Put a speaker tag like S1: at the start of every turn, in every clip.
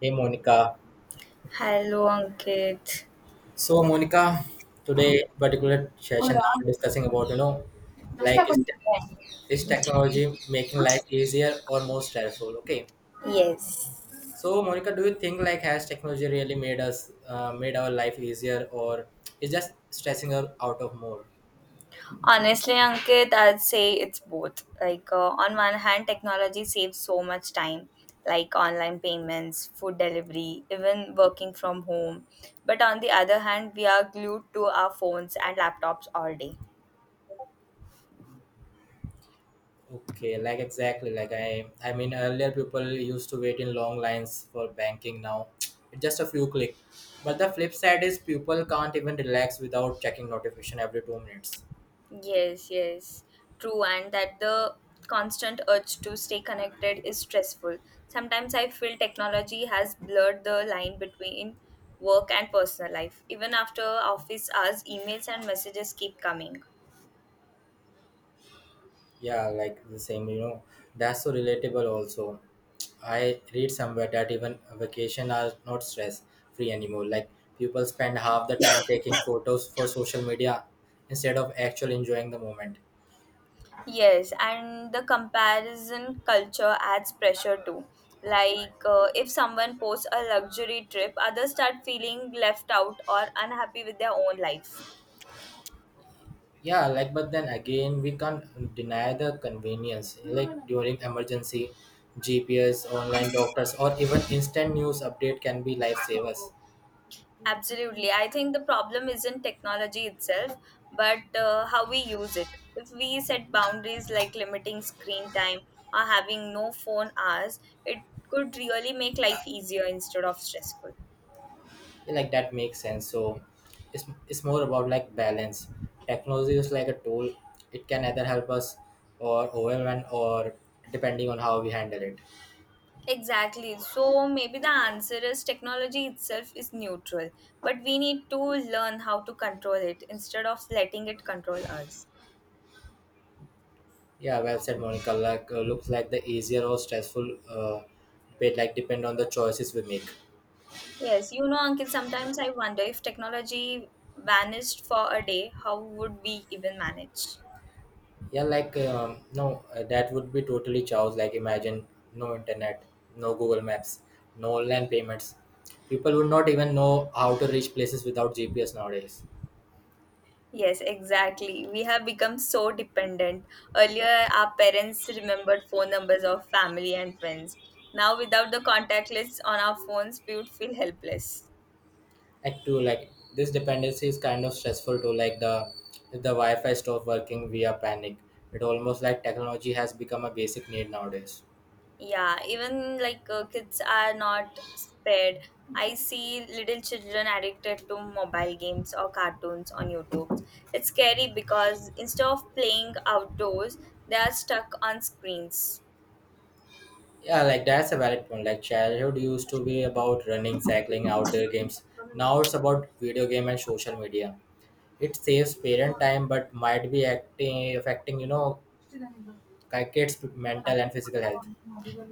S1: Hey Monica.
S2: Hello, Ankit.
S1: So Monica, today particular session
S2: Hola.
S1: now discussing about you know
S2: Basta
S1: like
S2: con
S1: is technology making life easier or more stressful? Okay.
S2: yes.
S1: So Monica, do you think like has technology really made us made our life easier or is just stressing us out of more?
S2: Honestly, Ankit, I'd say it's both. On one hand, technology saves so much time, like online payments, food delivery, even working from home. But on the other hand, we are glued to our phones and laptops all day.
S1: Okay, like exactly like I mean earlier people used to wait in long lines for banking now it's just a few click. But the flip side is people can't even relax without checking notification every 2 minutes.
S2: Yes, yes, true, and that the constant urge to stay connected is stressful. Sometimes I feel technology has blurred the line between work and personal life. Even after office hours, emails and messages keep coming.
S1: Yeah, like the same, that's so relatable also. I read somewhere that even vacation are not stress free anymore. Like people spend half the time taking photos for social media instead of actually enjoying the moment.
S2: Yes, and the comparison culture adds pressure too. If someone posts a luxury trip, others start feeling left out or unhappy with their own life.
S1: Yeah, like but then again we can't deny the convenience. Like during emergency, GPS, online doctors or even instant news update can be lifesavers.
S2: Absolutely. I think the problem isn't technology itself, but how we use it. If we set boundaries like limiting screen time or having no phone hours, it could really make life easier instead of stressful.
S1: Like that makes sense so it's more about like balance. Technology is like a tool. It can either help us or overwhelm or depending on how we handle it.
S2: Exactly. So maybe the answer is technology itself is neutral, but we need to learn how to control it instead of letting it control us.
S1: Yeah, well said, Monica. Like looks like the easier or stressful bit like depend on the choices we make.
S2: Yes, you know, Ankit, sometimes I wonder if technology vanished for a day, how would we even manage?
S1: Yeah, like no that would be totally chaos. Like imagine no internet, no Google Maps, no online payments. People would not even know how to reach places without GPS nowadays.
S2: Yes, exactly. We have become so dependent. Earlier, our parents remembered phone numbers of family and friends. Now, without the contact lists on our phones, we would feel helpless.
S1: Act to like this dependency is kind of stressful too. Like the if the wi-fi stops working we are panic. It almost like technology has become a basic need nowadays.
S2: Yeah, even like kids are not spared. I see little children addicted to mobile games or cartoons on YouTube. It's scary because instead of playing outdoors, they are stuck on screens.
S1: Yeah, like that's a valid point. Like childhood used to be about running cycling outdoor games, now it's about video game and social media. It saves parent time but might be acting affecting you know kids mental and physical health.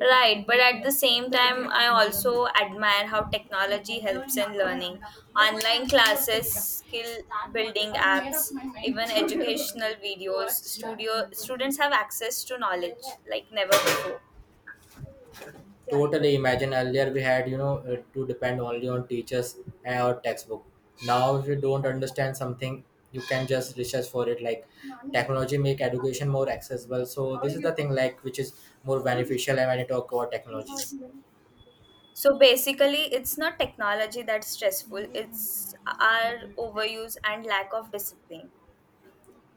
S2: Right, but at the same time, I also admire how technology helps in learning. Online classes, skill building apps, even educational videos, studio students have access to knowledge like never before.
S1: Totally. Imagine earlier we had, to depend only on teachers and our textbook. Now, if you don't understand something, you can just research for it. Like technology make education more accessible. So this is the thing, like which is more beneficial. And when you talk about technology,
S2: So basically, it's not technology that's stressful, it's our overuse and lack of discipline.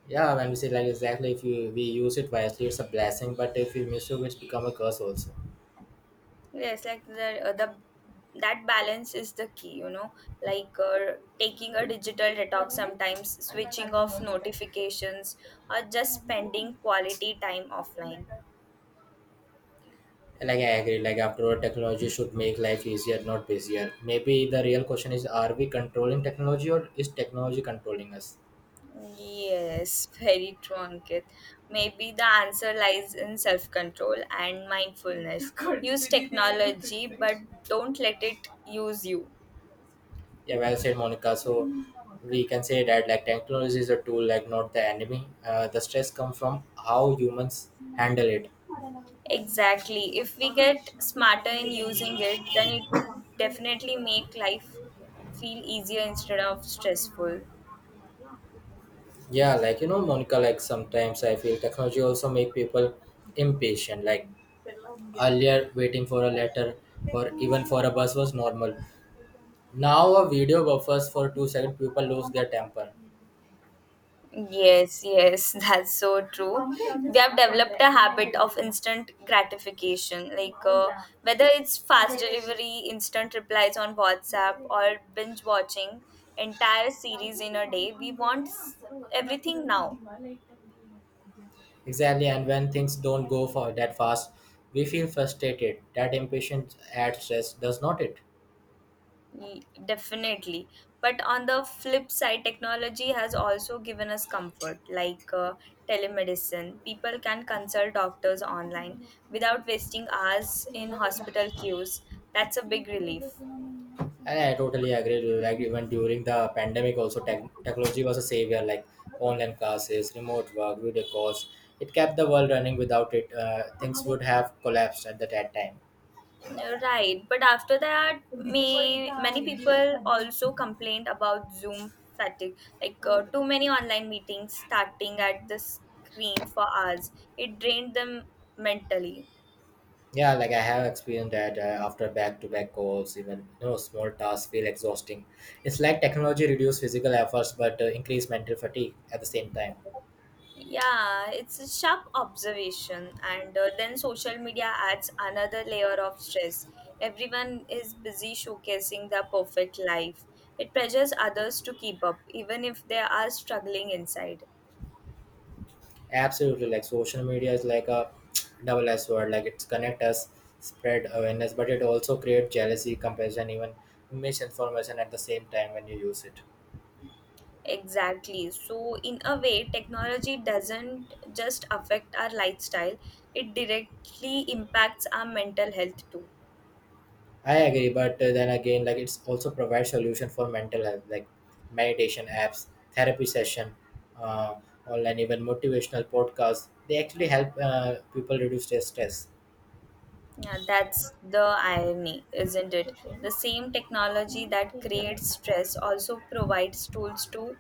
S1: yeah, when we say like exactly, if you, we use it wisely, it's a blessing. But if we misuse, it, it's become a curse also.
S2: The that balance is the key, you know, like uh, taking a digital detox sometimes, switching off notifications, or just spending quality time offline.
S1: Like I agree. Like after all, technology should make life easier, not busier. Maybe the real question is: are we controlling technology, or is technology controlling us?
S2: Yes, very true, Ankit. Maybe the answer lies in self control and mindfulness. Use technology, but don't let it use you.
S1: Yeah, well said, Monica. So we can say that like technology is a tool, like not the enemy. The stress comes from how humans handle it.
S2: Exactly. If we get smarter in using it, then it would definitely make life feel easier instead of stressful.
S1: Yeah, like you know, Monica. Like sometimes I feel technology also make people impatient. Like earlier, waiting for a letter or even for a bus was normal. Now a video buffers for 2 seconds, people lose their temper.
S2: Yes, yes, that's so true. We have developed a habit of instant gratification, whether it's fast delivery, instant replies on WhatsApp, or binge watching entire series in a day. Everything now.
S1: Exactly, and when things don't go for that fast, we feel frustrated. That impatience adds stress, does not it?
S2: Definitely. But on the flip side, technology has also given us comfort, telemedicine. People can consult doctors online without wasting hours in hospital queues. That's a big relief.
S1: I totally agree with you. Like even during the pandemic, also technology was a savior. Like online classes, remote work, video calls, it kept the world running. Without it, things would have collapsed at that time.
S2: Right, but after that, may many people also complained about Zoom fatigue, too many online meetings starting at the screen for hours. It drained them mentally.
S1: Yeah, like I have experienced that after back-to-back calls, even you know small tasks feel exhausting. It's like technology reduced physical efforts but increased mental fatigue at the same time.
S2: Yeah, it's a sharp observation, and then social media adds another layer of stress. Everyone is busy showcasing their perfect life. It pressures others to keep up, even if they are struggling inside.
S1: Absolutely, like social media is like a double edged sword. Like it's connect us, spread awareness, but it also create jealousy, compassion, even misinformation at the same time when you use it.
S2: Exactly. So, in a way, technology doesn't just affect our lifestyle, it directly impacts our mental health too.
S1: I agree, but then again, like it's also provides solution for mental health, like meditation apps, therapy session, uh, online even motivational podcasts. They actually help people reduce their stress.
S2: Yeah, that's the irony, isn't it? The same technology that creates stress also provides tools to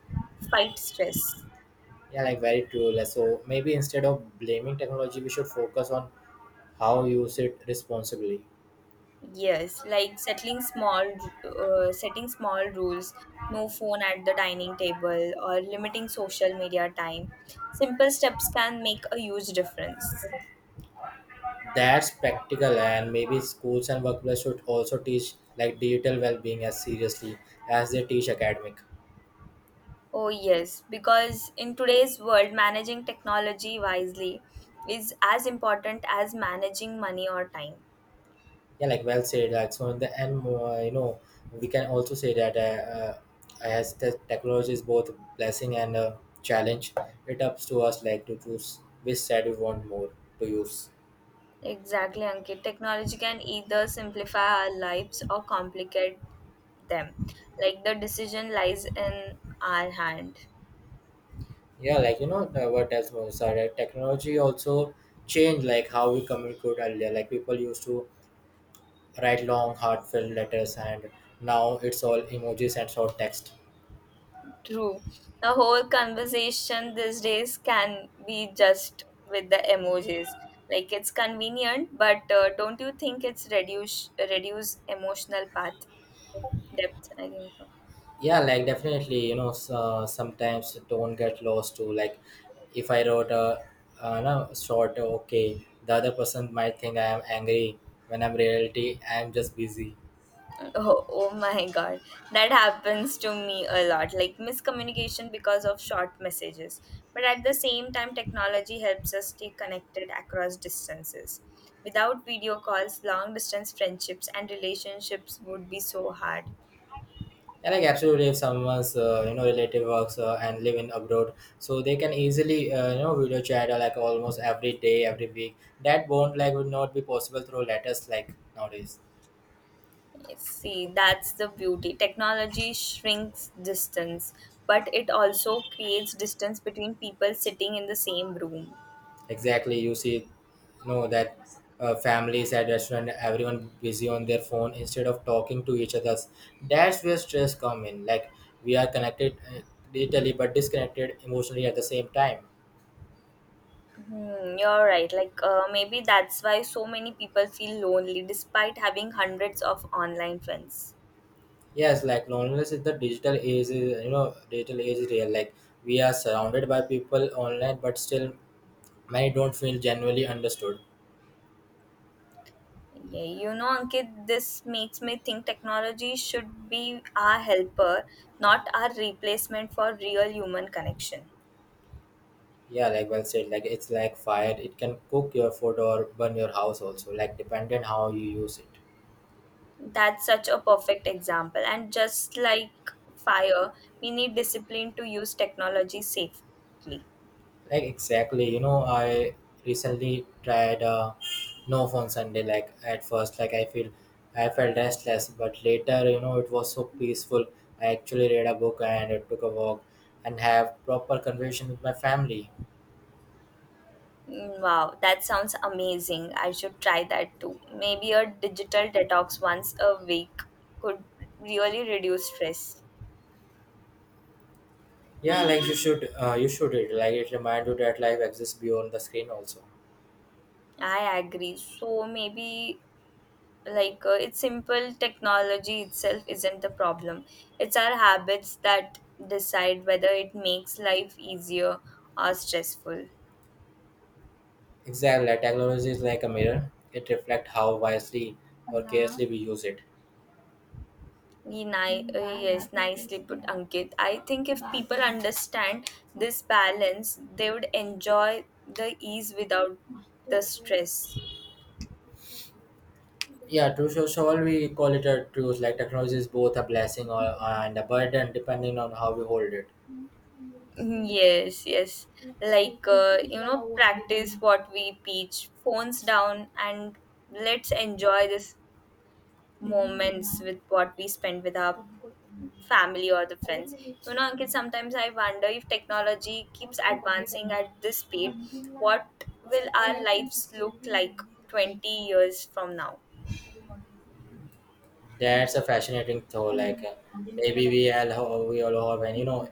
S2: fight stress.
S1: Yeah, like very true. Like, so maybe instead of blaming technology, we should focus on how use it responsibly.
S2: Yes, like settling small, Setting small rules, no phone at the dining table, or limiting social media time. Simple steps can make a huge difference.
S1: That's practical, and maybe schools and workplaces should also teach like digital well-being as seriously as they teach academic.
S2: Oh, yes, because in today's world, managing technology wisely is as important as managing money or time.
S1: Yeah, like well said. Like so, in the end, you know, we can also say that as the technology is both a blessing and a challenge, it ups to us like to choose which side we want more to use.
S2: Exactly, Ankit. Technology can either simplify our lives or complicate them. Like the decision lies in our hand.
S1: Yeah, like you know what else was that technology also changed like how we communicate earlier. Like people used to write long heartfelt letters and now it's all emojis and short text.
S2: True. The whole conversation these days can be just with the emojis. Like it's convenient, but don't you think it's reduce emotional path depth? I think so.
S1: Yeah, like definitely you know sometimes don't get lost too. Like if I wrote a no, short okay the other person might think I am angry when I'm reality I am just busy.
S2: Oh, oh my god, that happens to me a lot. Like miscommunication because of short messages. But at the same time, technology helps us stay connected across distances. Without video calls, long distance friendships and relationships would be so hard.
S1: Yeah, like absolutely if someone's you know relative works and live in abroad, so they can easily you know video chat like almost every day every week. That bond like would not be possible through letters like nowadays.
S2: See, that's the beauty. Technology shrinks distance, but it also creates distance between people sitting in the same room.
S1: Exactly, you see, know that families at restaurant, everyone busy on their phone instead of talking to each other. That's where stress come in. Like we are connected digitally but disconnected emotionally at the same time.
S2: Hmm, you're right. Maybe that's why so many people feel lonely despite having hundreds of online friends.
S1: Yes, like loneliness is the digital age. You know, digital age is real. Like we are surrounded by people online, but still many don't feel genuinely understood.
S2: Yeah, you know, Ankit, this makes me think technology should be our helper, not our replacement for real human connection.
S1: Yeah, like well said. Like it's like fire. It can cook your food or burn your house also. Like dependent how you use it.
S2: That's such a perfect example. And just like fire, we need discipline to use technology safely.
S1: Like exactly, you know, I recently tried no phone Sunday. Like at first, I felt restless, but later, you know, it was so peaceful. I actually read a book and I took a walk and have proper conversation with my family.
S2: Mm, wow, that sounds amazing. I should try that too. Maybe a digital detox once a week could really reduce stress.
S1: Yeah, like you should read. Like it reminds you that life exists beyond the screen also.
S2: I agree. So maybe like it's simple technology itself isn't the problem. It's our habits that decide whether it makes life easier or stressful.
S1: Exactly, like, technology is like a mirror. It reflects how wisely or carelessly we use it.
S2: Yes, nicely put, Ankit. I think if people understand this balance, they would enjoy the ease without the stress.
S1: Yeah, true. So, so all we call it a truth. Like technology is both a blessing or and a burden, depending on how we hold it.
S2: Yes, yes, you know, practice what we preach, phones down, and let's enjoy this moments with what we spend with our family or the friends. You know, Ankit, sometimes I wonder if technology keeps advancing at this speed, what will our lives look like 20 years from now?
S1: That's a fascinating thought. Like maybe we all have and you know,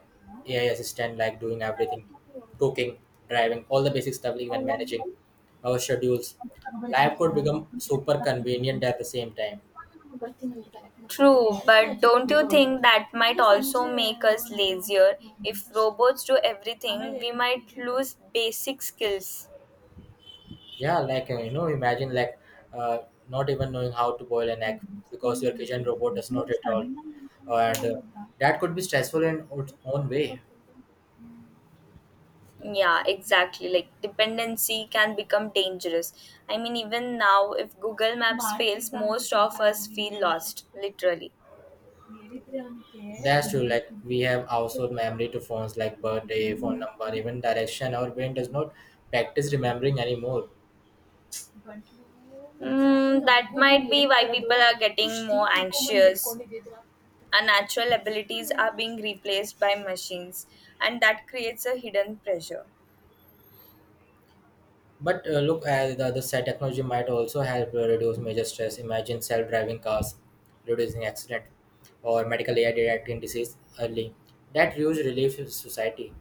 S1: AI assistant like doing everything, cooking, driving, all the basic stuff, even managing our schedules. Life could become super convenient at the same time.
S2: True, but don't you think that might also make us lazier? If robots do everything, we might lose basic skills.
S1: Yeah, like imagine like uh, not even knowing how to boil an egg because your kitchen robot does not at all, and that could be stressful in its own way.
S2: Yeah, exactly. Like dependency can become dangerous. I mean, even now, if Google Maps fails, most of us feel lost, literally.
S1: That's true. Like we have outsourced memory to phones like birthday, phone number, even direction. Our brain does not practice remembering anymore.
S2: Mm, that might be why people are getting more anxious. Our natural abilities are being replaced by machines, and that creates a hidden pressure.
S1: But look at the other side, technology might also help reduce major stress. Imagine self-driving cars reducing accident or medical AI detecting disease early. That huge relief to society,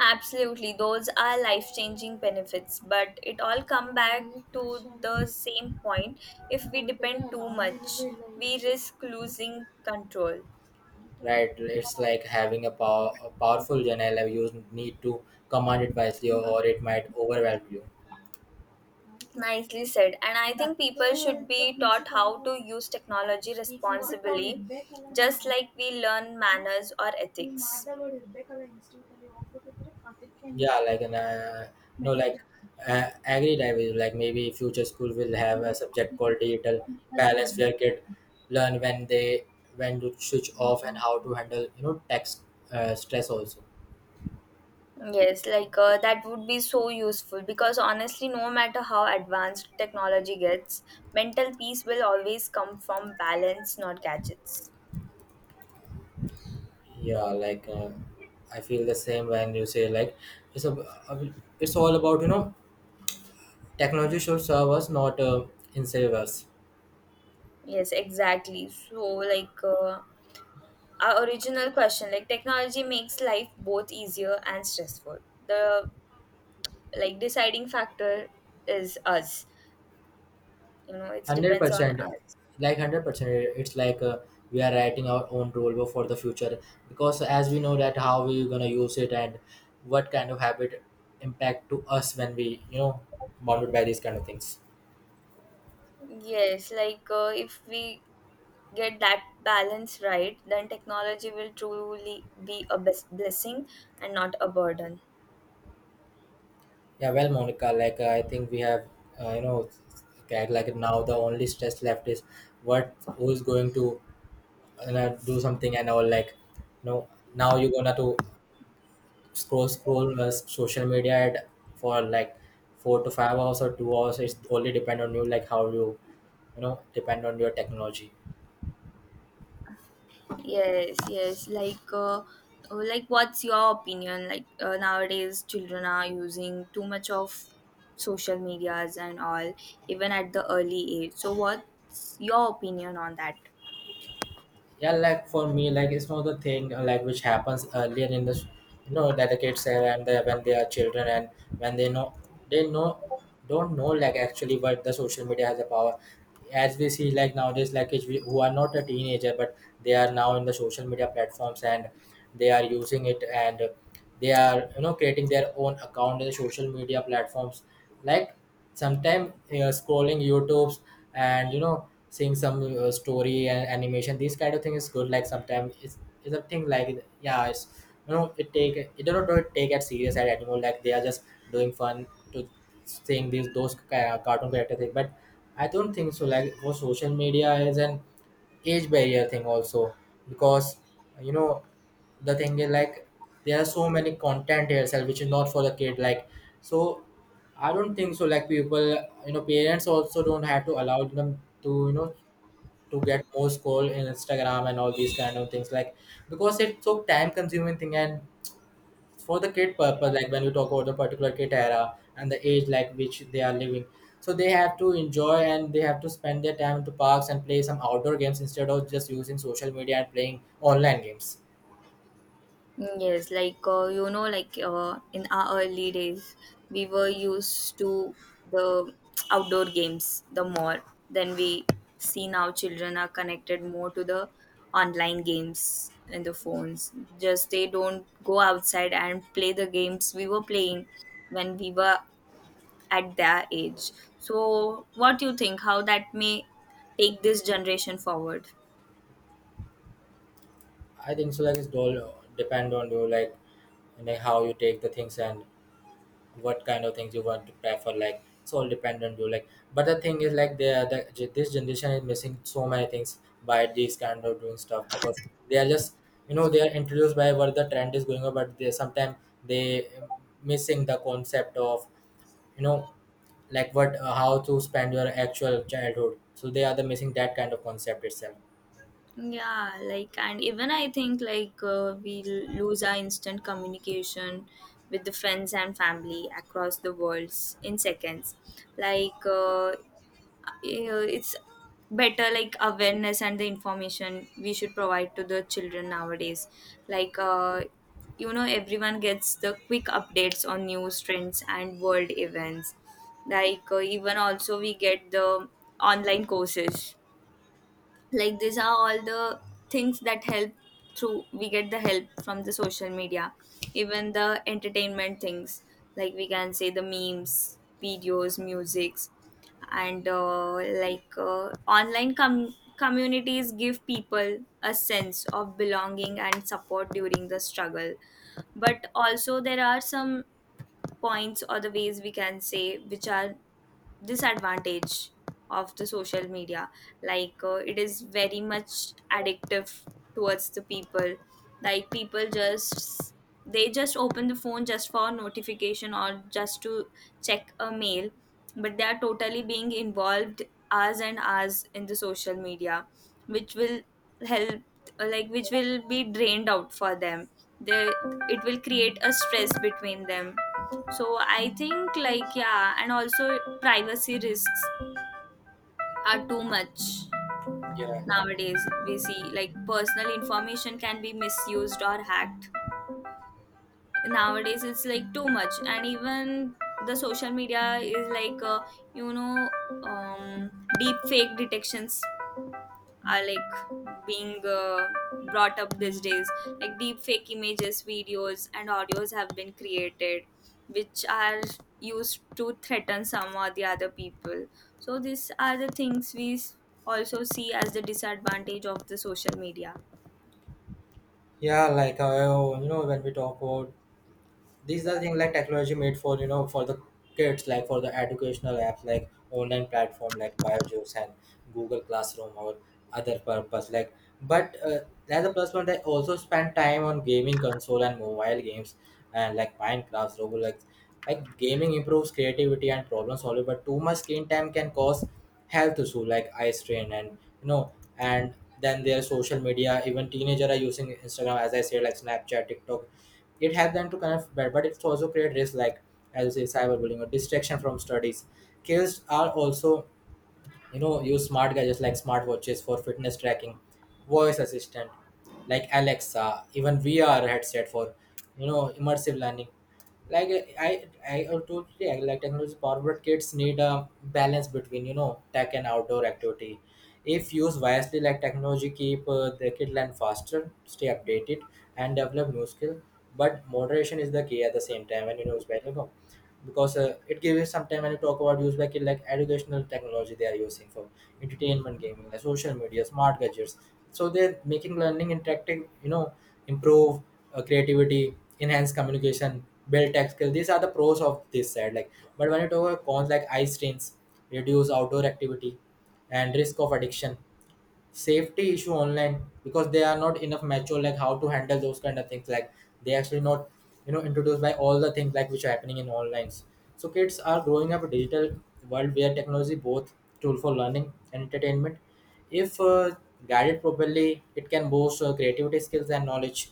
S2: Absolutely, those are life changing benefits, but it all come back to the same point. If we depend too much, we risk losing control.
S1: right? It's like having a, power, a powerful general. You need to command it wisely or it might overwhelm you.
S2: Nicely said. And I think people should be taught how to use technology responsibly, just like we learn manners or ethics.
S1: Yeah, like no, like agreed. I will like maybe future school will have a subject called digital balance where kid learn when to switch off and how to handle you know tax stress also.
S2: Yes, that would be so useful because honestly, no matter how advanced technology gets, mental peace will always come from balance, not gadgets.
S1: Yeah, like I feel the same when you say like it's a it's all about you know technology should serve us not enslave us.
S2: Yes, exactly. So, our original question, like technology makes life both easier and stressful. The deciding factor is us. You know, it
S1: Hundred
S2: depends on
S1: percent,
S2: us.
S1: like 100%. It's like we are writing our own rule for the future because as we know that how we gonna use it and what kind of habit impact to us when we you know bonded by these kind of things.
S2: Yes, if we get that balance right, then technology will truly be a blessing and not a burden.
S1: Yeah, well, Monica, like I think we have uh, you know get like now the only stress left is what who's going to you know, do something and all like you know now you're gonna to scroll social media ad for like 4 to 5 hours or 2 hours. It's only depend on you like how you you know depend on your technology.
S2: Yes, yes, like what's your opinion, nowadays children are using too much of social medias and all, even at the early age, so what's your opinion on that?
S1: Yeah, like for me like it's not the thing like which happens earlier in you know that the kids have and when they are children and when they know they know don't know like actually what the social media has a power. As we see like nowadays like kids who are not a teenager but they are now in the social media platforms and they are using it and they are you know creating their own account in the social media platforms. Like sometimes scrolling youtubes and you know seeing some story and animation these kind of thing is good. Like sometimes it's a thing like yeah it's you know it take it don't take it serious at anymore. Like they are just doing fun to seeing these those cartoon character thing. But I don't think so. Like for social media is an age barrier thing also, because you know the thing is like there are so many content itself which is not for the kid. Like so, I don't think so. Like people, you know, parents also don't have to allow them to to get more scroll in Instagram and all these kind of things. Like because it's so time consuming thing and for the kid purpose like when you talk about the particular kid era and the age like which they are living, so they have to enjoy and they have to spend their time to parks and play some outdoor games instead of just using social media and playing online games.
S2: Mm, yes, in our early days, we were used to the outdoor games the more. Then we see now children are connected more to the online games and the phones. Just they don't go outside and play the games we were playing when we were at their age. So, what do you think? How that may take this generation forward?
S1: I think so, like it's all depend on you, like and like how you take the things and what kind of things you want to prefer, like it's all dependent you, like but the thing is like they are the, this generation is missing so many things by this kind of doing stuff because they are just, you know, they are introduced by what the trend is going on, but they sometimes they missing the concept of, you know, like what how to spend your actual childhood, so they are the missing that kind of concept itself.
S2: Yeah, and even I think lose our instant communication with the friends and family across the worlds in seconds. like uh, you know, it's better like awareness and the information we should provide to the children nowadays. like uh, you know, everyone gets the quick updates on news trends and world events. Even also we get the online courses, like these are all the things that help through. We get the help from the social media, even the entertainment things, like we can say the memes videos musics. And like Online communities give people a sense of belonging and support during the struggle. But also there are some points or the ways we can say which are disadvantage of the social media. It is very much addictive towards the people. Like people just They just open the phone just for notification or just to check a mail, but they are totally being involved hours and hours in the social media, which will help, like which will be drained out for them. They It will create a stress between them. So I think like, yeah, and also privacy risks are too much
S1: Yeah,
S2: nowadays. We see like personal information can be misused or hacked. Nowadays it's like too much, and even the social media is you know um, deep fake detections are like being brought up these days. Like deep fake images videos and audios have been created which are used to threaten some or the other people. So these are the things we also see as the disadvantage of the social media.
S1: yeah, like you know, when we talk about these are things like technology made for, you know, for the kids, like for the educational apps like online platform like biojuice and Google Classroom or other purpose, like but as a plus one they also spend time on gaming console and mobile games, and like Minecraft, Roblox. Like gaming improves creativity and problem solving, but too much screen time can cause health issue like eye strain and, you know, and than their social media, even teenager are using Instagram, as I said, like Snapchat, TikTok. It helps them to kind of better, but it's also create risk like, as you say, cyberbullying or distraction from studies. Kids are also, you know, use smart gadgets like smartwatches for fitness tracking, voice assistant like Alexa, even VR headset for, you know, immersive learning. Like i i I totally agree. Like technology forward kids need a balance between, you know, tech and outdoor activity. If used wisely, like technology keep the kid learn faster, stay updated, and develop new skill. But moderation is the key at the same time. When, you know, it's very because it gives some time when you talk about use back in, like educational technology they are using for entertainment, gaming, like social media, smart gadgets, so they're making learning interactive, you know, improve creativity, enhance communication, build tech skills, these are the pros of this side. Like but when you talk about cons like eye strains, reduce outdoor activity, and risk of addiction, safety issue online, because they are not enough mature like how to handle those kind of things, like they actually not, you know, introduced by all the things like which are happening in onlines. So kids are growing up a digital world where technology both tool for learning and entertainment. If guided properly, it can boost creativity skills and knowledge,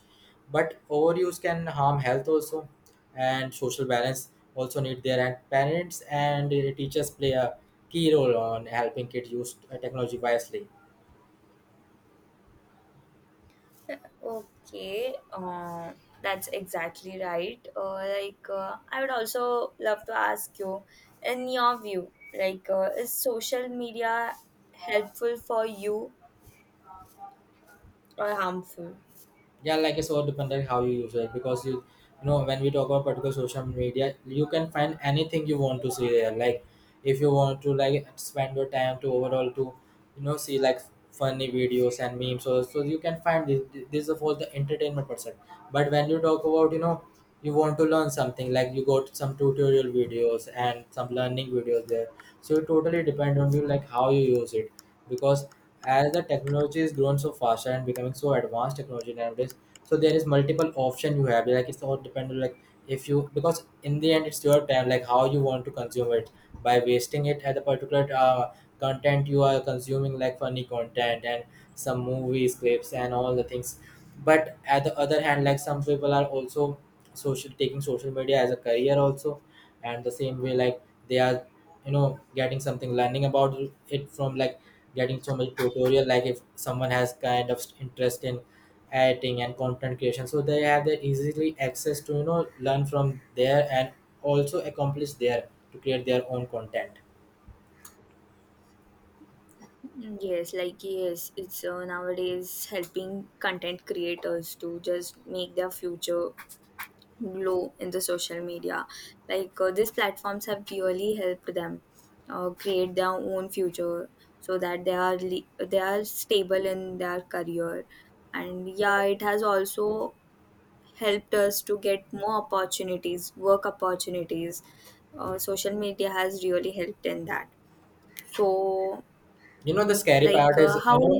S1: but overuse can harm health also, and social balance also need their hand. Parents and teachers play a key role on helping kids use technology wisely.
S2: Okay, that's exactly right. I would also love to ask you, in your view, is social media helpful for you or harmful?
S1: Yeah, like it's all dependent how you use it, because you know, when we talk about particular social media you can find anything you want to see there. Like if you want to like spend your time to overall to, you know, see like funny videos and memes, so you can find this is for the entertainment person. But when you talk about, you know, you want to learn something like you got some tutorial videos and some learning videos there, so it totally depend on you like how you use it. Because as the technology is grown so faster and becoming so advanced technology nowadays, so there is multiple option you have, like it's all dependent like, if you, because in the end it's your time, like how you want to consume it by wasting it at the particular content you are consuming, like funny content and some movies clips and all the things. But at the other hand, like some people are also social, taking social media as a career also, and the same way like they are, you know, getting something learning about it from like getting so much tutorial, like if someone has kind of interest in editing and content creation, so they have the easily access to, you know, learn from there and also accomplish there to create their own content.
S2: Mm, yes, like yes, it's nowadays helping content creators to just make their future glow in the social media. These platforms have clearly helped them create their own future so that they are they are stable in their career. And yeah, it has also helped us to get more opportunities, work opportunities. Social media has really helped in that. So
S1: you know the scary part
S2: like
S1: is you
S2: how
S1: know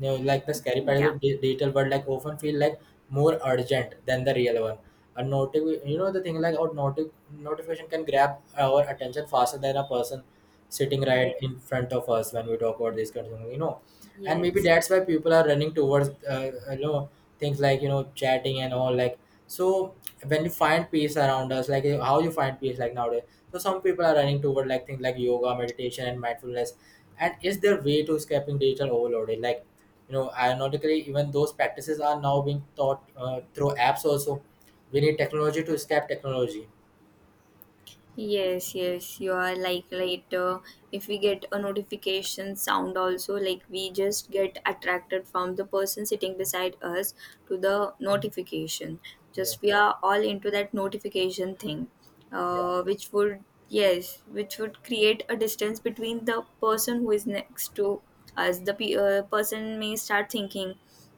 S1: you know, like the scary part is
S2: yeah,
S1: the digital world like often feel like more urgent than the real one. A you know the thing like our notification can grab our attention faster than a person sitting right
S2: yes,
S1: in front of us, when we talk about this kind of thing, you know. And maybe
S2: yes,
S1: that's why people are running towards you know, things like, you know, chatting and all. Like so, when you find peace around us, like how you find peace, like nowadays, so some people are running toward like things like yoga, meditation, and mindfulness, and is their way to escaping digital overloading. Like, you know, ironically even those practices are now being taught through apps also. We need technology to escape technology.
S2: yes, yes, you are like later. If we get a notification sound also, like we just get attracted from the person sitting beside us to the notification,
S1: Yeah.
S2: just we are all into that notification thing,
S1: Yeah.
S2: which would, yes, which would create a distance between the person who is next to us. The person may start thinking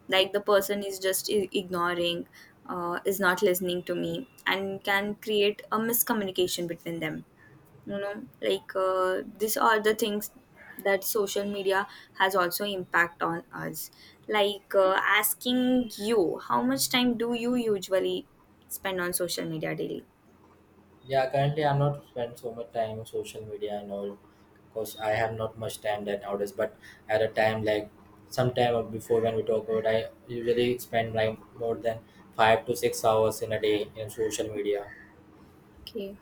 S2: like the person is just ignoring, is not listening to me, and can create a miscommunication between them, you know. These are the things that social media has also impact on us. Asking you, how much time do you usually spend on social media daily?
S1: Yeah, currently I'm not spend so much time on social media and all, because I have not much time that nowadays. But at a time like, sometime before when we talk about, I usually spend like more than 5 to 6 hours in a day in social media.
S2: Okay.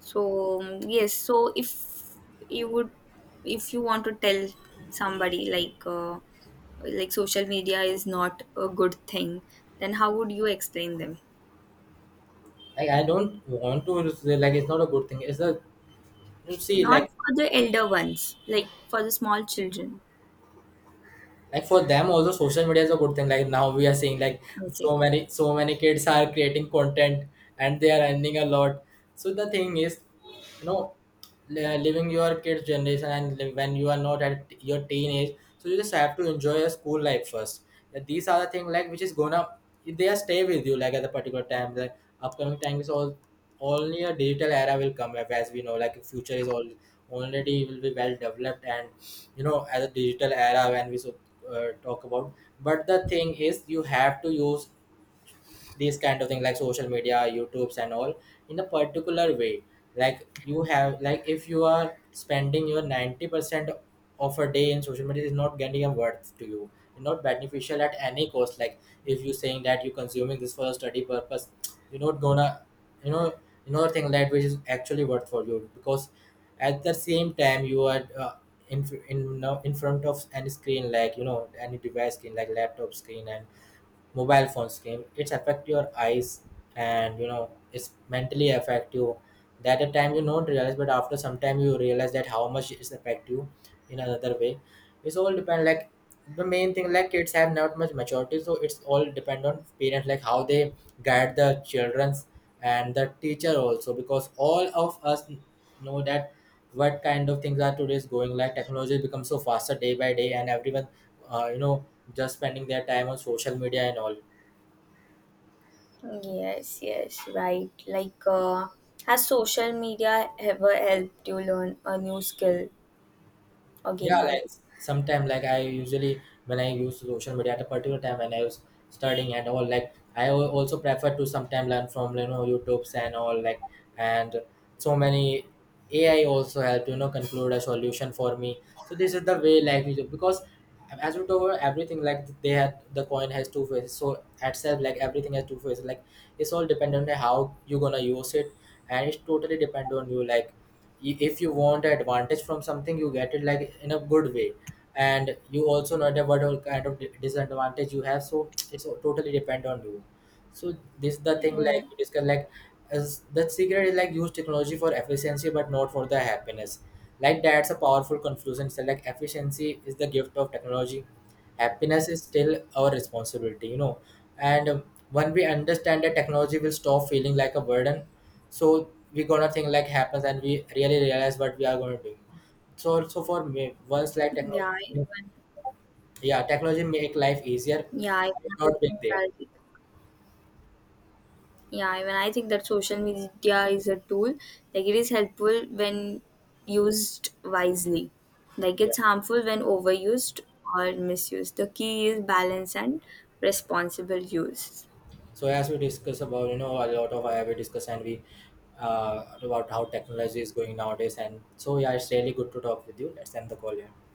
S2: So yes, so if you would, if you want to tell somebody like social media is not a good thing, then how would you explain them?
S1: Like I don't want to say, like it's not a good thing. It's a, you see
S2: Not
S1: like.
S2: for the elder ones, like for the small children.
S1: Like for them also social media is a good thing, like now we are seeing like
S2: Okay.
S1: so many kids are creating content and they are earning a lot. So the thing is, you know, living your kids generation, and when you are not at your teenage, so you just have to enjoy your school life first. Like, these are the thing like which is gonna, they are stay with you, like at a particular time, the upcoming time is all only a digital era will come up, as we know like future is all already will be well developed and, you know, as a digital era when we so, talk about, but the thing is you have to use these kind of things like social media, youtubes and all, in a particular way. Like you have like if you are spending your 90% of a day in social media, is not getting a worth to you, it's not beneficial at any cost. Like if you saying that you're consuming this for a study purpose, you're not gonna, you know, you know thing that which is actually worth for you. Because at the same time you are in front of any screen, like you know, any device screen like laptop screen and mobile phones screen, it's affect your eyes, and, you know, it's mentally affect you. That at time you don't realize, but after some time you realize that how much it's affect you in another way. It's all depend like the main thing like kids have not much maturity, so it's all depend on parents like how they guide the childrens and the teacher also, because all of us know that what kind of things are today's going, like technology becomes so faster day by day, and everyone you know, just spending their time on social media and all.
S2: Yes, yes, right. Like, has social media ever helped you learn a new skill or gain
S1: Yeah, like
S2: knowledge?
S1: sometime like I usually when I use social media at a particular time when I was studying and all, like I also prefer to sometime learn from, you know, YouTube's and all, like, and so many AI also help, you know, conclude a solution for me. So this is the way like we do, because as we told, everything like they had, the coin has two faces. So at self like everything has two faces. Like it's all dependent on how you're gonna use it, and it's totally depend on you like, if you want advantage from something you get it like in a good way, and you also know that what all kind of disadvantage you have, so it's totally depend on you. So this is the thing like
S2: Mm,
S1: we discuss like, as the secret is like use technology for efficiency but not for the happiness. Like that's a powerful conclusion, so like efficiency is the gift of technology, happiness is still our responsibility, you know. And when we understand that, technology will stop feeling like a burden. So we gonna think like happens and we really realize what we are gonna do. So for me once like technology,
S2: yeah, even
S1: yeah, technology make life easier,
S2: yeah,
S1: but it's not being
S2: even
S1: there.
S2: I think that Yeah, even I think that social media is a tool. Like it is helpful when used wisely. Like
S1: Yeah,
S2: it's harmful when overused or misused. The key is balance and responsible use.
S1: so as we discuss about, you know, a lot of we discuss and we about how technology is going nowadays, and so yeah, it's really good to talk with you. Let's end the call here.